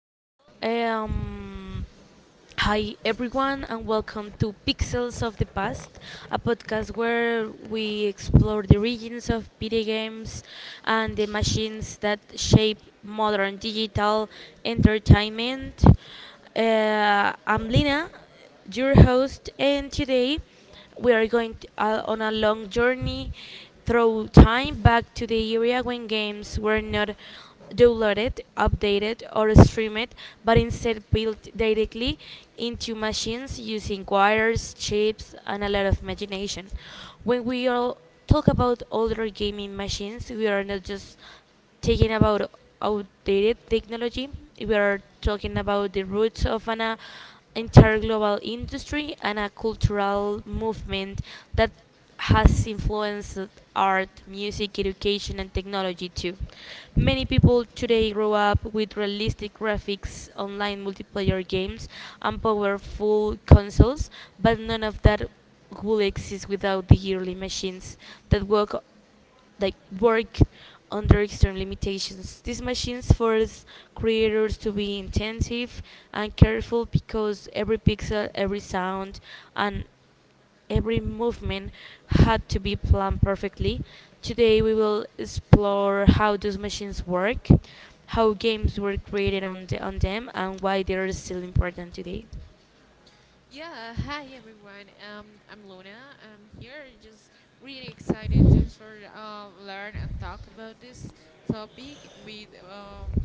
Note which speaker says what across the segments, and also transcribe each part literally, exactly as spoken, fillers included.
Speaker 1: Well, um, Hi everyone, and welcome to Pixels of the Past, a podcast where we explore the origins of video games and the machines that shape modern digital entertainment. Uh, I'm Lina, your host, and today we are going t- uh, on a long journey through time back to the era when games were not download it, update it, or stream it, but instead built directly into machines using wires, chips, and a lot of imagination. When we all talk about older gaming machines, we are not just talking about outdated technology. We are talking about the roots of an uh, entire global industry and a cultural movement that has influenced art, music, education, and technology too. Many people today grow up with realistic graphics, online multiplayer games, and powerful consoles, but none of that would exist without the early machines that work like work under extreme limitations. These machines force creators to be intensive and careful because every pixel, every sound, and Every movement had to be planned perfectly. Today we will explore how those machines work, how games were created on, the, on them, and why they are still important today.
Speaker 2: Yeah, hi everyone. Um, I'm Luna. I'm here, just really excited just for uh, learn and talk about this topic with um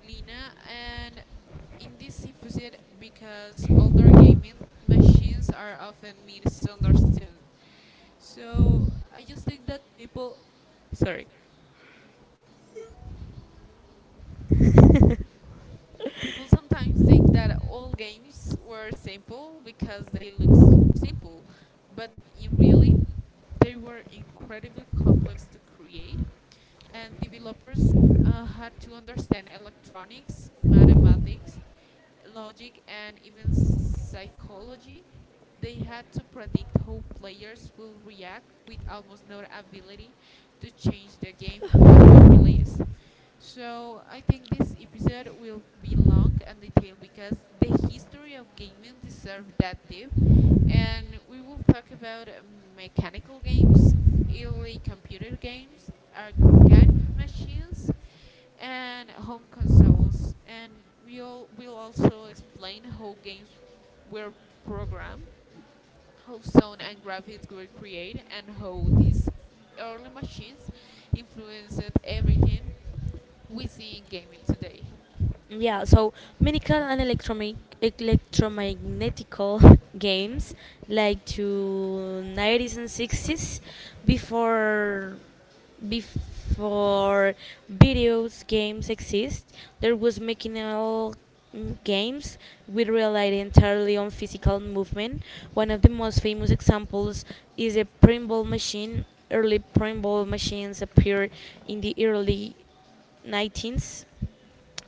Speaker 2: Lina and in this episode because older gaming machines are often misunderstood. So I just think that people, sorry, people sometimes think that all games were simple because they look s- simple, but in really, they were incredibly complex to create, and developers uh, had to understand electronics, mathematics, logic, and even psychology. They had to predict how players will react with almost no ability to change the game after release. So I think this episode will be long and detailed because the history of gaming deserves that deep, and we will talk about uh, mechanical games, early computer games, arcade machines, and home consoles, and we'll we'll also explain how games were programmed, how sound and graphics were created, and how these early machines influenced everything we see in gaming today.
Speaker 1: Yeah, so mechanical and electromag- electromagnetical games like to nineties and sixties, before before videos games exist, there was mechanical mm, games which relied entirely on physical movement. One of the most famous examples is a pinball machine. Early pinball machines appeared in the early nineteenth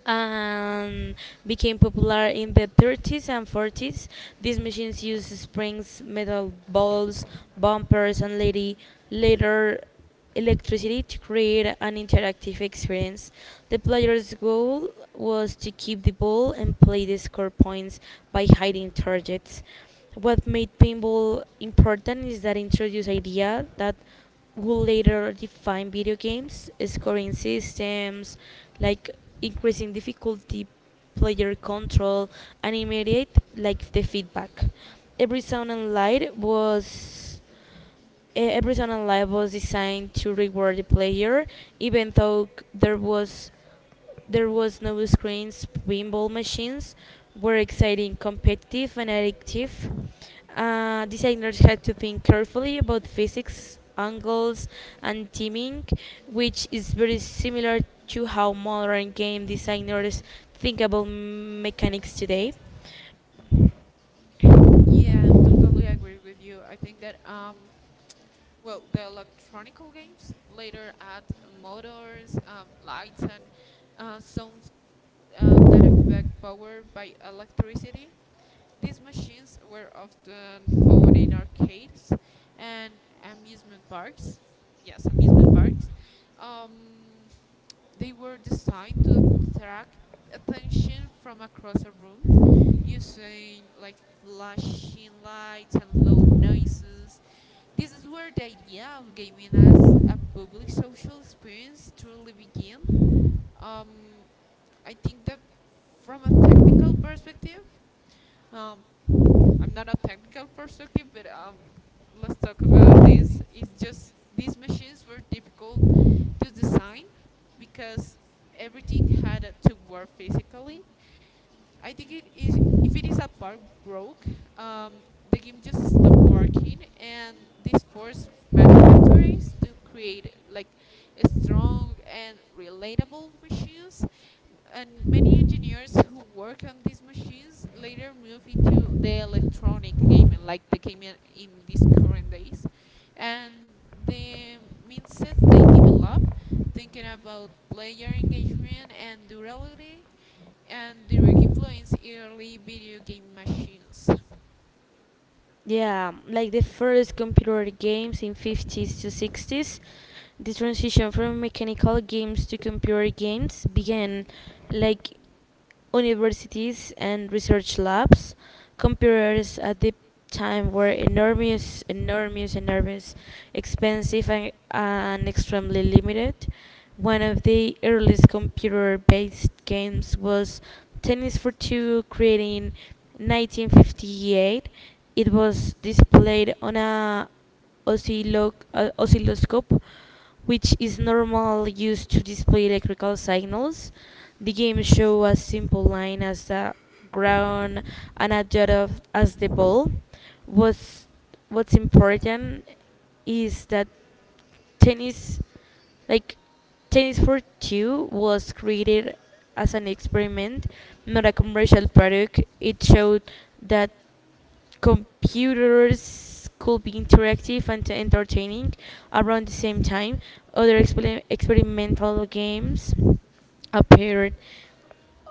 Speaker 1: and became popular in the thirties and forties. These machines used springs, metal balls, bumpers, and lady, later electricity to create an interactive experience. The player's goal was to keep the ball and play the score points by hiding targets. What made pinball important is that it introduced idea that will later define video games, scoring systems, like increasing difficulty, player control, and immediate like the feedback. Every sound and light was e- every sound and light was designed to reward the player, even though there was there was no screens, pinball machines were exciting, competitive, and addictive. Uh, designers had to think carefully about physics, angles, and timing, which is very similar to how modern game designers think about mechanics today.
Speaker 2: Yeah, I'm totally agree with you. I think that um, well, the electronical games later add motors, um, lights, and uh, sounds uh, that affect power by electricity. These machines were often found in arcades and amusement parks. Yes, amusement parks. Um, they were designed to attract attention from across a room using like flashing lights and loud noises. This is where the idea of gaming as a public social experience truly began. Um, I think that from a technical perspective, um, I'm not a technical perspective, but um, let's talk about this. It's just these machines were difficult to design because everything had uh, to work physically. I think it is if it is a bug broke, um, the game just stopped working, and this forced manufacturers to create like a strong and relatable machines. And many engineers who work on these machines later move into the electronic gaming, like the gaming in these current days, and the mindset they develop, thinking about player engagement and durability and direct influence early video game machines.
Speaker 1: Yeah, like the first computer games in fifties to sixties, the transition from mechanical games to computer games began like universities and research labs. Computers at the time were enormous, enormous, enormous, expensive, and, and extremely limited. One of the earliest computer based games was Tennis for Two, created in nineteen fifty-eight. It was displayed on a oscillo- uh, oscilloscope, which is normally used to display electrical signals. The game shows a simple line as the ground and a dot of as the ball. What's what's important is that tennis like tennis for two was created as an experiment, not a commercial product. It showed that computers could be interactive and entertaining around the same time. Other exper- experimental games appeared,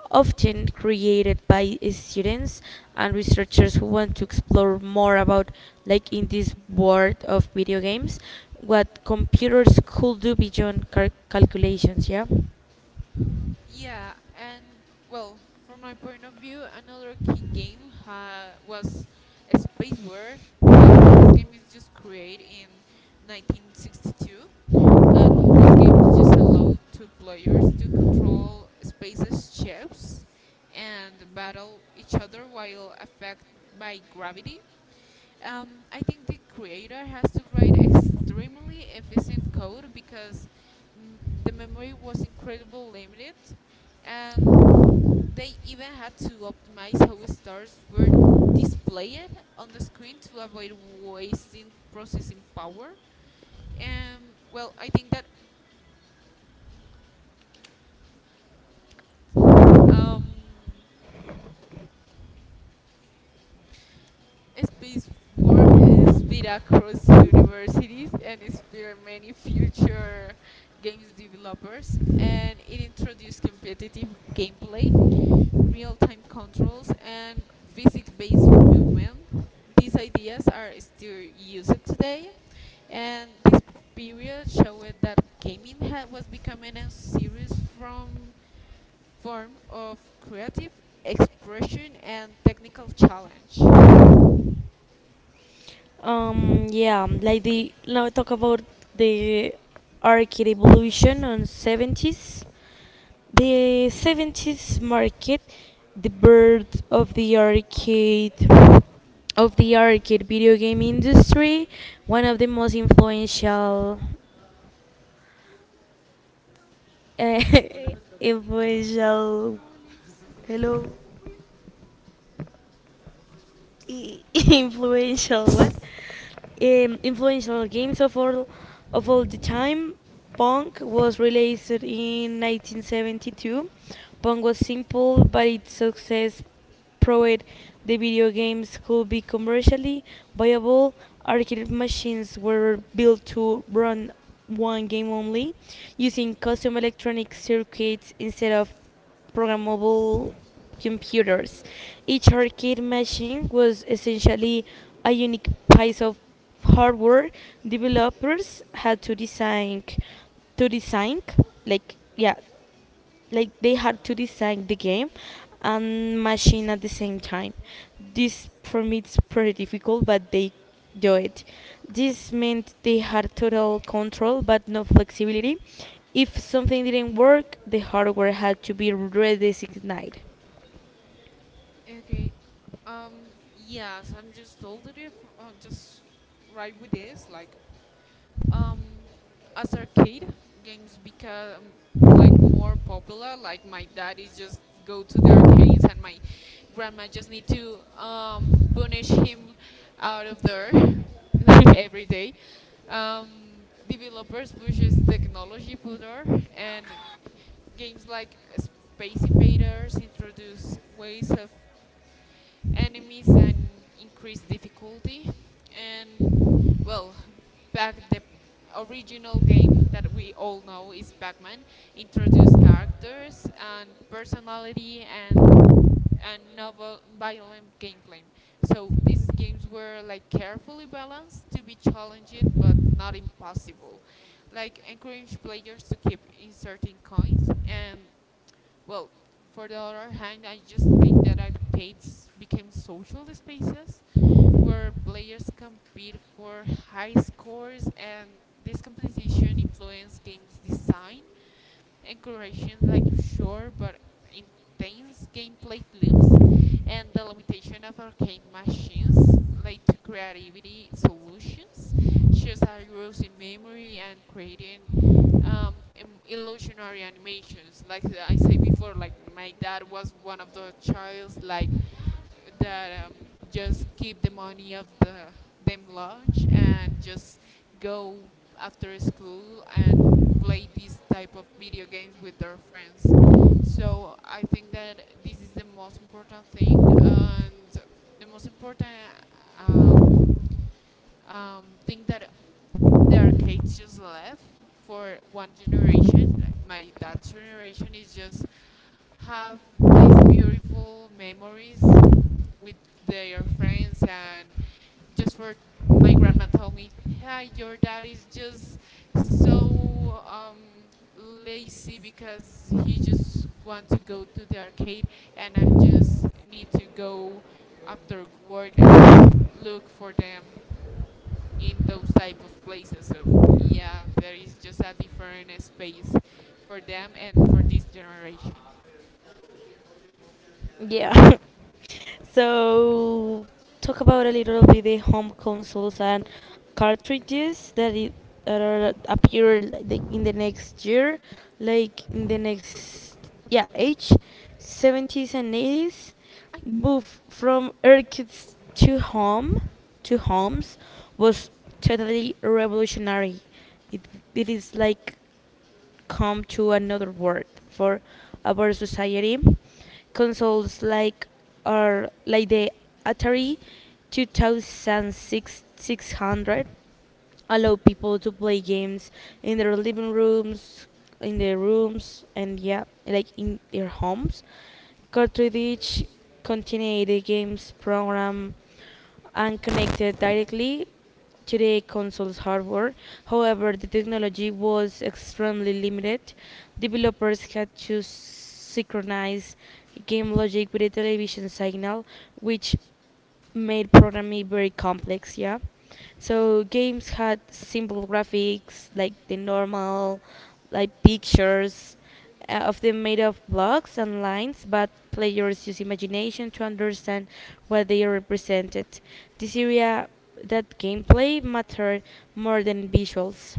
Speaker 1: often created by students and researchers who want to explore more about, like in this world of video games, what computers could do beyond cal- calculations. Yeah.
Speaker 2: Yeah, and well, from my point of view, another key game ha- was Spacewar. That this game is just created in nineteen sixty-two, and this game just allowed two players to control space's ships and battle each other while affected by gravity. Um, I think the creator has to write extremely efficient code because mm, the memory was incredibly limited, and they even had to optimize how stars were displayed on the screen to avoid wasting processing power. And well, I think that um, Space War is spread across universities and inspired many future games developers, and it introduced competitive gameplay, real-time controls, and physics-based movement. These ideas are still used today, and this period showed that gaming had, was becoming a serious from form of creative expression and technical challenge.
Speaker 1: Um, yeah, like the now talk about the arcade evolution on seventies. The seventies market the birth of the arcade of the arcade video game industry, one of the most influential uh, influential
Speaker 2: Police.
Speaker 1: hello influential what um, influential games of all of all the time. Pong was released in nineteen seventy-two. Pong was simple, but its success proved the video games could be commercially viable. Arcade machines were built to run one game only, using custom electronic circuits instead of programmable computers. Each arcade machine was essentially a unique piece of hardware. Developers had to design to design like, yeah, like they had to design the game and machine at the same time. This permits pretty difficult but they do it. This meant they had total control but no flexibility. If something didn't work, the hardware had to be redesigned.
Speaker 2: Okay. Um. Yes, I'm just told it if uh, just right with this. Like, um, as arcade games become like more popular. Like my dad is just go to the arcades, and my grandma just need to um punish him out of there, like every day. Um, developers pushes technology further and games like Space Invaders introduce ways of enemies and increased difficulty. And well, back the original game that we all know is Pac-Man introduced characters and personality and and novel violent gameplay. So these games were like carefully balanced to be challenging but not impossible. Like encourage players to keep inserting coins and well, for the other hand, I just think that arcades became social spaces where players compete for high scores and this competition influenced games design encouraging like short but intense gameplay loops and the limitation of arcade machines led to creativity solutions shows heroes in memory and creating um, im- illusionary animations like I said before, like my dad was one of the childs like that um, just keep the money of the them lunch and just go after school and play this type of video games with their friends. So I think that this is the most important thing and the most important um, um, thing that the arcades just left for one generation. Like my dad's generation is just have these beautiful memories with their friends and just for my grandma told me, "Hi, your dad is just so um, lazy because he just want to go to the arcade, and I'm just need to go after work and look for them in those type of places." So yeah, there is just a different space for them and for this generation.
Speaker 1: Yeah. So talk about a little bit the home consoles and cartridges that it, that are appear like in the next year, like in the next yeah age, seventies and eighties,
Speaker 2: I
Speaker 1: move from arcades to home to homes was totally revolutionary. It it is like come to another word for our society. Consoles like are like the Atari two thousand six hundred allow people to play games in their living rooms, in their rooms, and yeah, like in their homes. Cartridge continued the game's program and connected directly to the console's hardware. However, the technology was extremely limited. Developers had to synchronize game logic with a television signal, which made programming very complex, yeah. So games had simple graphics, like the normal, like pictures, uh, of them made of blocks and lines, but players use imagination to understand what they represented. This area that gameplay mattered more than visuals.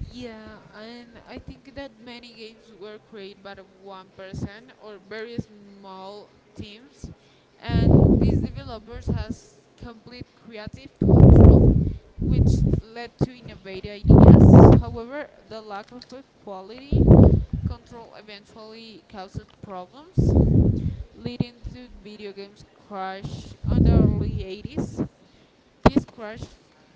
Speaker 2: yeah, and I think that many games were created by the one person or very small teams, and these developers has complete creative control, which led to innovative ideas. However, the lack of a quality control eventually caused problems, leading to video games crash on the early eighties. This crash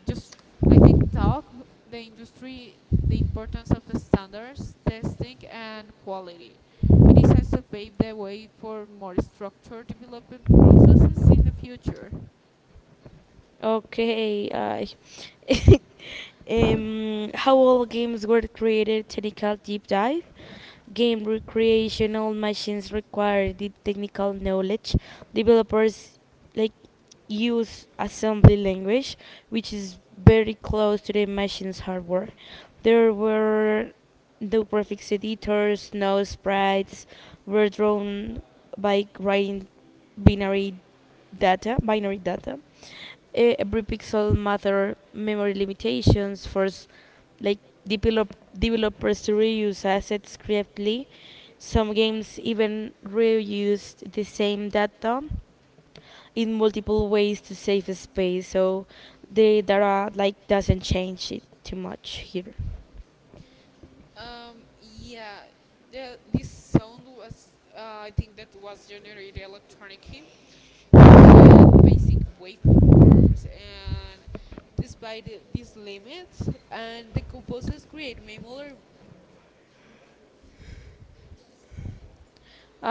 Speaker 2: just, I think, taught the industry the importance of standards, testing, and quality. It is has to pave the way for more structured development processes in the future.
Speaker 1: Okay, I.
Speaker 2: How
Speaker 1: Um, how all
Speaker 2: all
Speaker 1: games were
Speaker 2: games were
Speaker 1: created
Speaker 2: created.
Speaker 1: technical
Speaker 2: Technical
Speaker 1: deep
Speaker 2: deep
Speaker 1: dive.
Speaker 2: dive.
Speaker 1: Game
Speaker 2: Games for
Speaker 1: recreational
Speaker 2: original
Speaker 1: machines
Speaker 2: machines
Speaker 1: require
Speaker 2: required
Speaker 1: deep technical
Speaker 2: technical
Speaker 1: knowledge.
Speaker 2: knowledge. Developers
Speaker 1: Developers like use
Speaker 2: used
Speaker 1: assembly
Speaker 2: assembly
Speaker 1: language,
Speaker 2: language,
Speaker 1: which
Speaker 2: which
Speaker 1: is
Speaker 2: is
Speaker 1: very
Speaker 2: very
Speaker 1: close to
Speaker 2: close
Speaker 1: the
Speaker 2: to the
Speaker 1: machine's
Speaker 2: machine's
Speaker 1: hardware.
Speaker 2: hardware.
Speaker 1: There were no graphics editors,
Speaker 2: Prolificators.
Speaker 1: no
Speaker 2: Now
Speaker 1: sprites
Speaker 2: spreads
Speaker 1: were drawn by writing
Speaker 2: writing.
Speaker 1: binary data, binary data, eh, every pixel matter memory limitations force like develop developers to reuse assets creatively. Some games even reused the same data in multiple ways to save space, so the data like doesn't change it too much here.
Speaker 2: Um, yeah, the, this sound was, uh, I think that was generated electronically using basic waveforms and despite the- these limits, and the composers create memorable,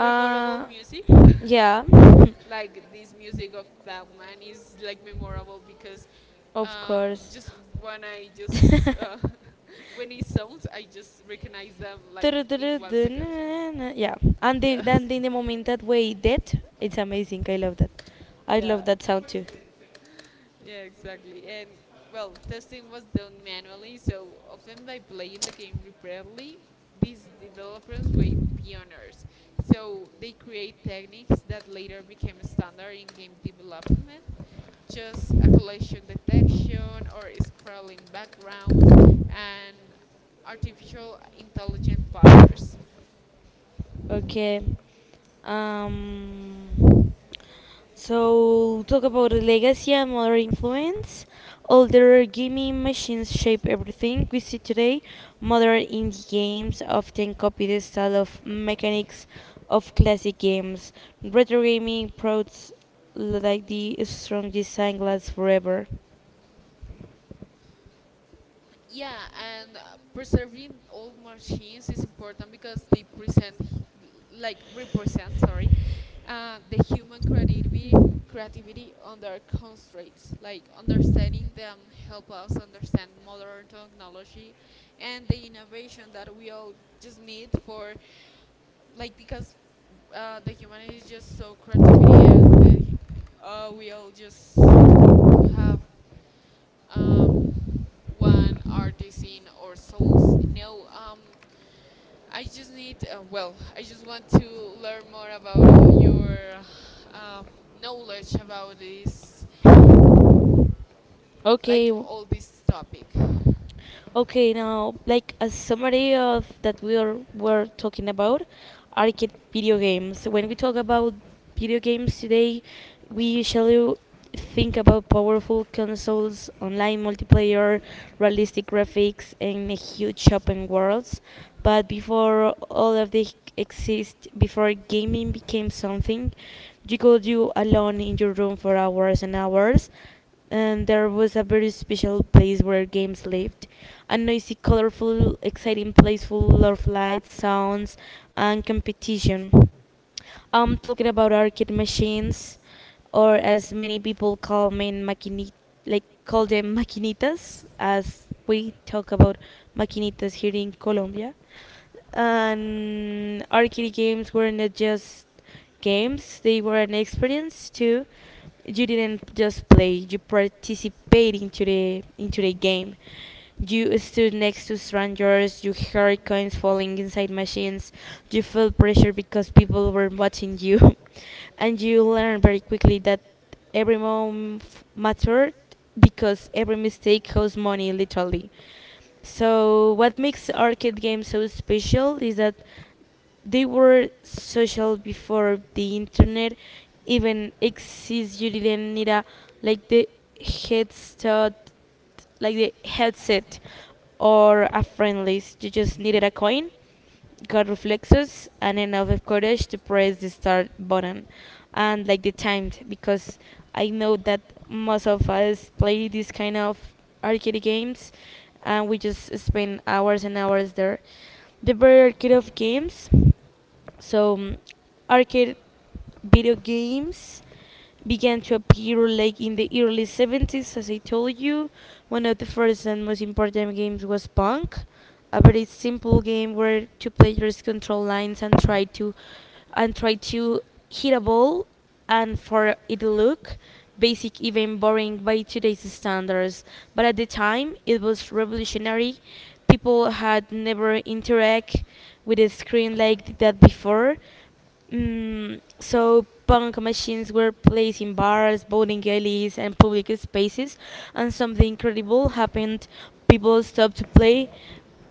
Speaker 2: memorable music.
Speaker 1: yeah.
Speaker 2: Like this music of Batman is like memorable because
Speaker 1: Of
Speaker 2: uh,
Speaker 1: course.
Speaker 2: just when I just uh, when it sounds, I just recognize them like in one second.
Speaker 1: Yeah, and the,
Speaker 2: Yes.
Speaker 1: then in the moment that we did, it's amazing. I love that. I love
Speaker 2: Yeah.
Speaker 1: that sound too.
Speaker 2: Yeah, exactly. And well, testing was done manually, so often by playing the game repeatedly, these developers were pioneers. So they create techniques that later became standard in game development, just a collision detection or scrolling backgrounds and artificial intelligent patterns.
Speaker 1: Okay. Um. So talk about the legacy and modern influence. Older gaming machines shape everything we see today. Modern indie games often copy the style of mechanics of classic games. Retro gaming prods like the strong design lasts forever.
Speaker 2: Yeah, and uh, preserving old machines is important because they present h- like represent, sorry, uh, the human creativity creativity under constraints. Like understanding them help us understand modern technology and the innovation that we all just need for, like, because uh, the humanity is just so creativity and the, hu- uh, we all just have um, one artisan or souls. No, um, I just need. Uh, well, I just want to learn more about uh, your uh, knowledge about this,
Speaker 1: Okay,
Speaker 2: like
Speaker 1: w-
Speaker 2: all this topic.
Speaker 1: okay. Now, like a summary of that we are, were talking about arcade video games. When we talk about video games today, we usually think about powerful consoles, online multiplayer, realistic graphics, and huge open worlds. But before all of this exist, before gaming became something you could do alone in your room for hours and hours, and there was a very special place where games lived. A noisy, colorful, exciting place full of lights, sounds, and competition. I'm talking about arcade machines, or as many people call them, maquini- like call them maquinitas, as we talk about maquinitas here in Colombia. And arcade games were not just games, they were an experience too. You didn't just play, you participated into the into the game. You stood next to strangers, you heard coins falling inside machines, you felt pressure because people were watching you. And you learned very quickly that every moment mattered because every mistake cost money literally. So, what makes arcade games so special is that they were social before the internet even exists. You didn't need a like the headset, like the headset or a friend list. You just needed a coin. Got reflexes and enough of courage to press the start button and like the timed because I know that most of us play this kind of arcade games and we just spend hours and hours there. The better arcade of games, so, mm, arcade video games began to appear like in the early seventies, as I told you. One of the first and most important games was Pong, a very simple game where two players control lines and try to and try to hit a ball and for it looked basic, even boring by today's standards. But at the time, it was revolutionary. People had never interact with a screen like that before. Mm, so punk machines were placed in bars, bowling alleys, and public spaces, and something incredible happened. People stopped to play.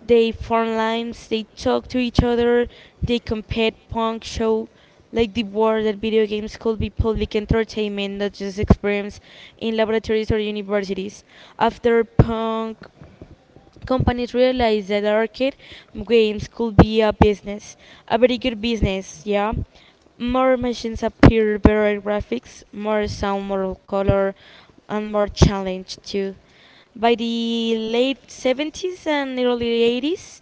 Speaker 1: They formed lines. They talked to each other. They compared punk show like the war that video games could be public entertainment, not just experiments in laboratories or universities. After punk, companies realized that arcade games could be a business, a very good business, yeah. More machines appear, better graphics, more sound, more color, and more challenge too. By the late seventies and early eighties,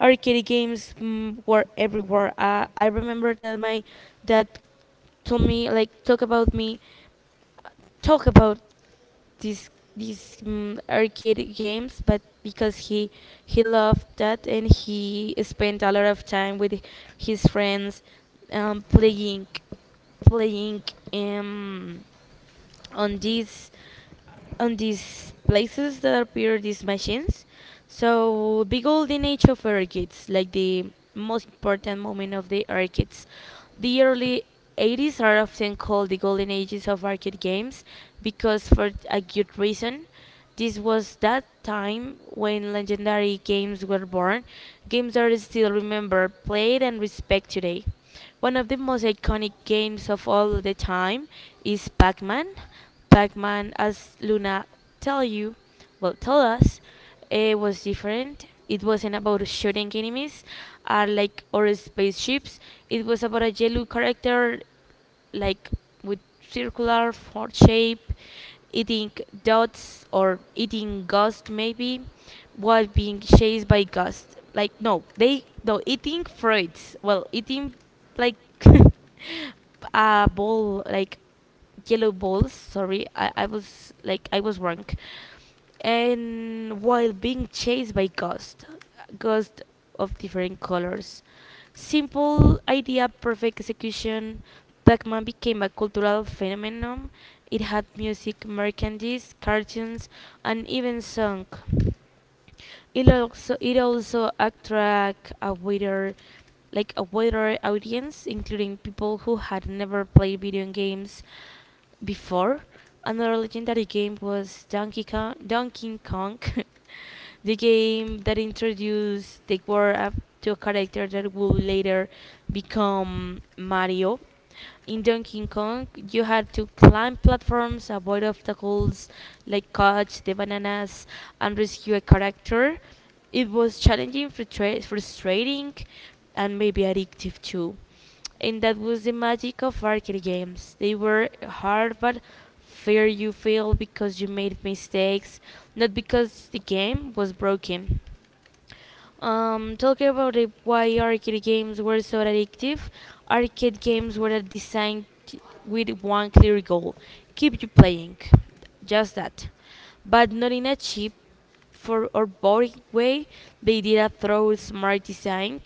Speaker 1: arcade games mm, were everywhere. Uh, I remember that my dad told me, like, talk about me, talk about these these mm, arcade games but because he he loved that and he spent a lot of time with his friends um, playing playing um, on these on these places that appear these machines. So the golden age of arcades, like the most important moment of the arcades. The early eighties are often called the golden ages of arcade games because for a good reason. This was that time when legendary games were born. Games are still remembered, played, and respected today. One of the most iconic games of all the time is Pac-Man. Pac-Man, as Luna tell you, well, tell us, it was different. It wasn't about shooting enemies, uh, like or spaceships. It was about a yellow character like with circular for shape, eating dots or eating ghost maybe, while being chased by ghosts. Like no, they no eating fruits. Well, eating like a ball like yellow balls. Sorry, I, I was like I was wrong. And while being chased by ghosts, ghosts of different colors. Simple idea, perfect execution. Pac-Man became a cultural phenomenon. It had music, merchandise, cartoons, and even song. It also it also attract a wider like a wider audience, including people who had never played video games before. Another legendary game was Donkey Kong. Donkey Kong, the game that introduced the world of- to a character that would later become Mario. In Donkey Kong, you had to climb platforms, avoid obstacles like catch the bananas, and rescue a character. It was challenging, frustra- frustrating, and maybe addictive too. And that was the magic of arcade games. They were hard but fear you failed because you made mistakes, not because the game was broken. Um, talking about it, why arcade games were so addictive, arcade games were designed t- with one clear goal, keep you playing. Just that. But not in a cheap, for our boring way, they did a thorough smart design.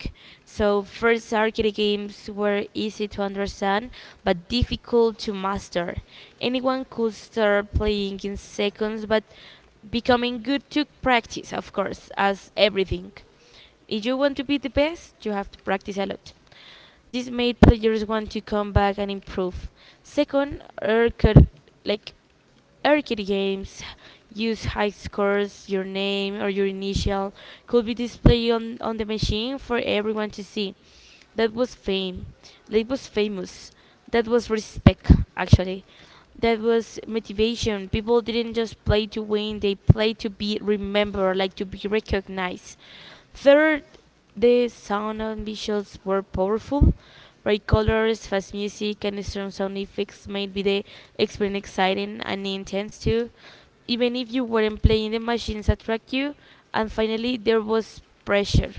Speaker 1: So first, arcade games were easy to understand but difficult to master. Anyone could start playing in seconds, but becoming good took practice, of course, as everything. If you want to be the best you have to practice a lot. This made players want to come back and improve. Second, arcade like Arcade games use high scores, your name or your initial could be displayed on, on the machine for everyone to see. That was fame. That was famous. That was respect, actually. That was motivation. People didn't just play to win, they played to be remembered, like to be recognized. Third, the sound and visuals were powerful. Bright colors, fast music, and strong sound effects made the experience exciting and intense too. Even if you weren't playing, the machines attract you. And finally, there was pressure.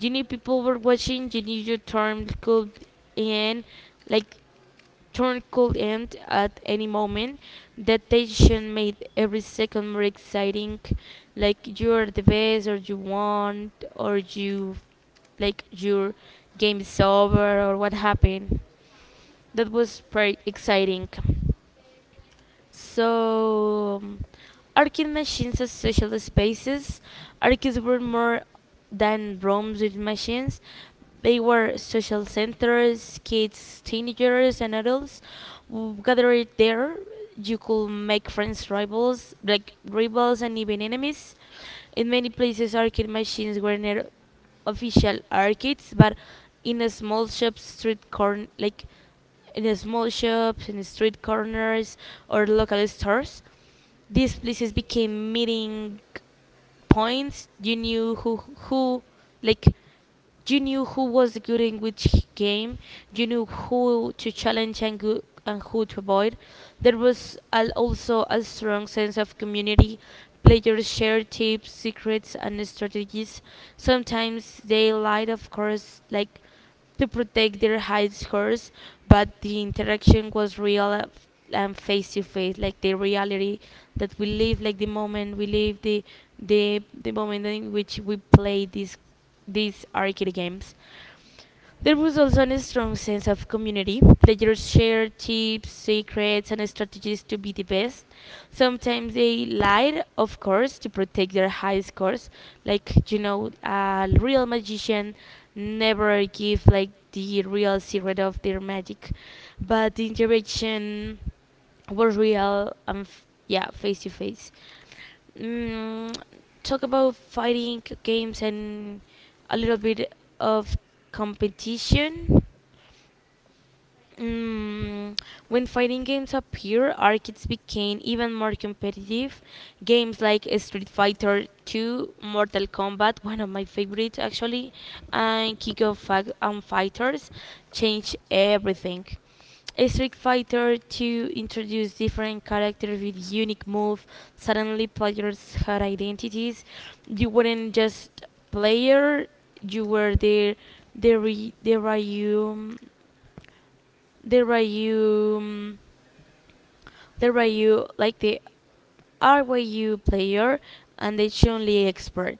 Speaker 1: You knew people were watching. You knew your turn could end like turn could end at any moment. That tension made every second more exciting. Like you're the best, or you won, or you like your game is over, or what happened. That was pretty exciting. So, um, arcade machines as social spaces. Arcades were more than rooms with machines. They were social centers, kids, teenagers, and adults w- gathered there. You could make friends, rivals, like rivals, and even enemies. In many places, arcade machines were near official arcades, but in a small shop street corner, like in the small shops, in the street corners, or local stores. These places became meeting points. You knew who who like you knew who was good in which game. You knew who to challenge and go, and who to avoid. There was al- also a strong sense of community. Players shared tips, secrets, and strategies. Sometimes they lied, of course, like to protect their households, but the interaction was real uh, and face to face, like the reality that we live, like the moment we live, the the the moment in which we play these these arcade games. There was also a strong sense of community. Players shared tips, secrets, and strategies to be the best. Sometimes they lied, of course, to protect their high scores. Like, you know, a real magician never give like the real secret of their magic, but the interaction was real and f- yeah, face to face mm, Talk about fighting games and a little bit of competition. Mm, when fighting games appeared, arcades became even more competitive. Games like Street Fighter two, Mortal Kombat, one of my favorites actually, and King of Fi- um, Fighters changed everything. Street Fighter two introduced different characters with unique moves. Suddenly, players had identities. You weren't just player; you were their the re- the Ryu the Ryu, mm, the Ryu, like the R Y U player and the Chun-Li expert.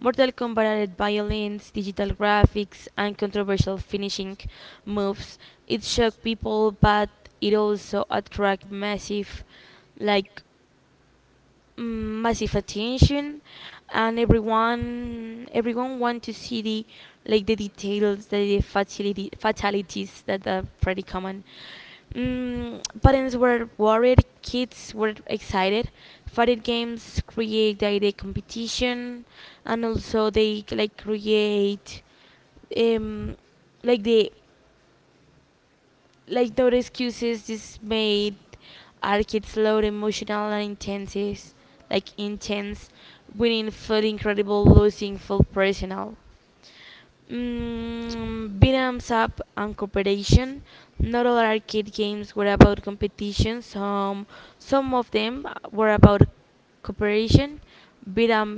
Speaker 1: Mortal Kombat added violence, digital graphics, and controversial finishing moves. It shocked people, but it also attracted massive, like mm, massive attention, and everyone everyone want to see the like the details, the fatality fatalities that are pretty common. Mm, parents were worried, kids were excited. Fighting games create direct competition, and also they like create, um, like the like no excuses, just made our kids loud, emotional, and intense, like intense. Winning felt incredible, losing felt personal. Mm, beat 'em up and cooperation. Not all arcade games were about competition, some some of them were about cooperation. beat 'em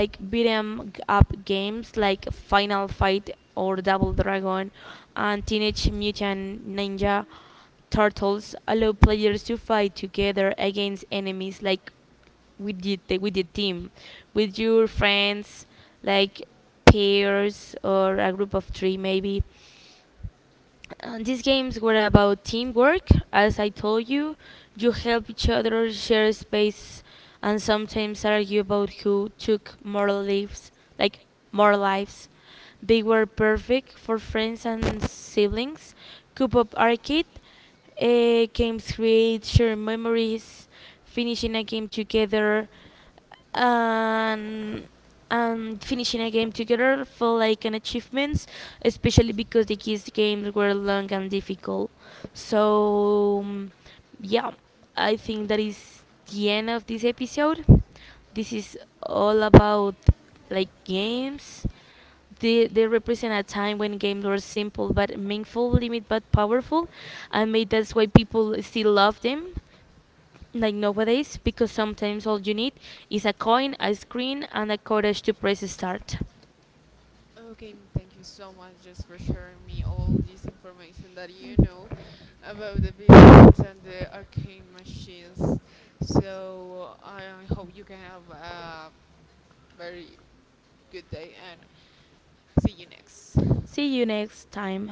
Speaker 1: like Beat 'em up games like Final Fight or Double Dragon and Teenage Mutant Ninja Turtles allow players to fight together against enemies, like with the the- with the team, with your friends, like pairs or a group of three maybe. Uh, these games were about teamwork, as I told you. You help each other, share space, and sometimes argue about who took more lives, like more lives. They were perfect for friends and siblings. Coop Up Arcade uh, games create shared memories, finishing a game together, and and finishing a game together felt like an achievement, especially because the kids games were long and difficult. So um, yeah, I think that is the end of this episode. This is all about like games. They, they represent a time when games were simple but meaningful, limited but powerful, and maybe that's why people still love them like nowadays, because sometimes all you need is a coin, a screen, and a courage to press start.
Speaker 2: Okay, m- thank you so much just for sharing me all this information that you know about the video games and the arcade machines. So I I hope you can have a very good day and see you next.
Speaker 1: See you next time.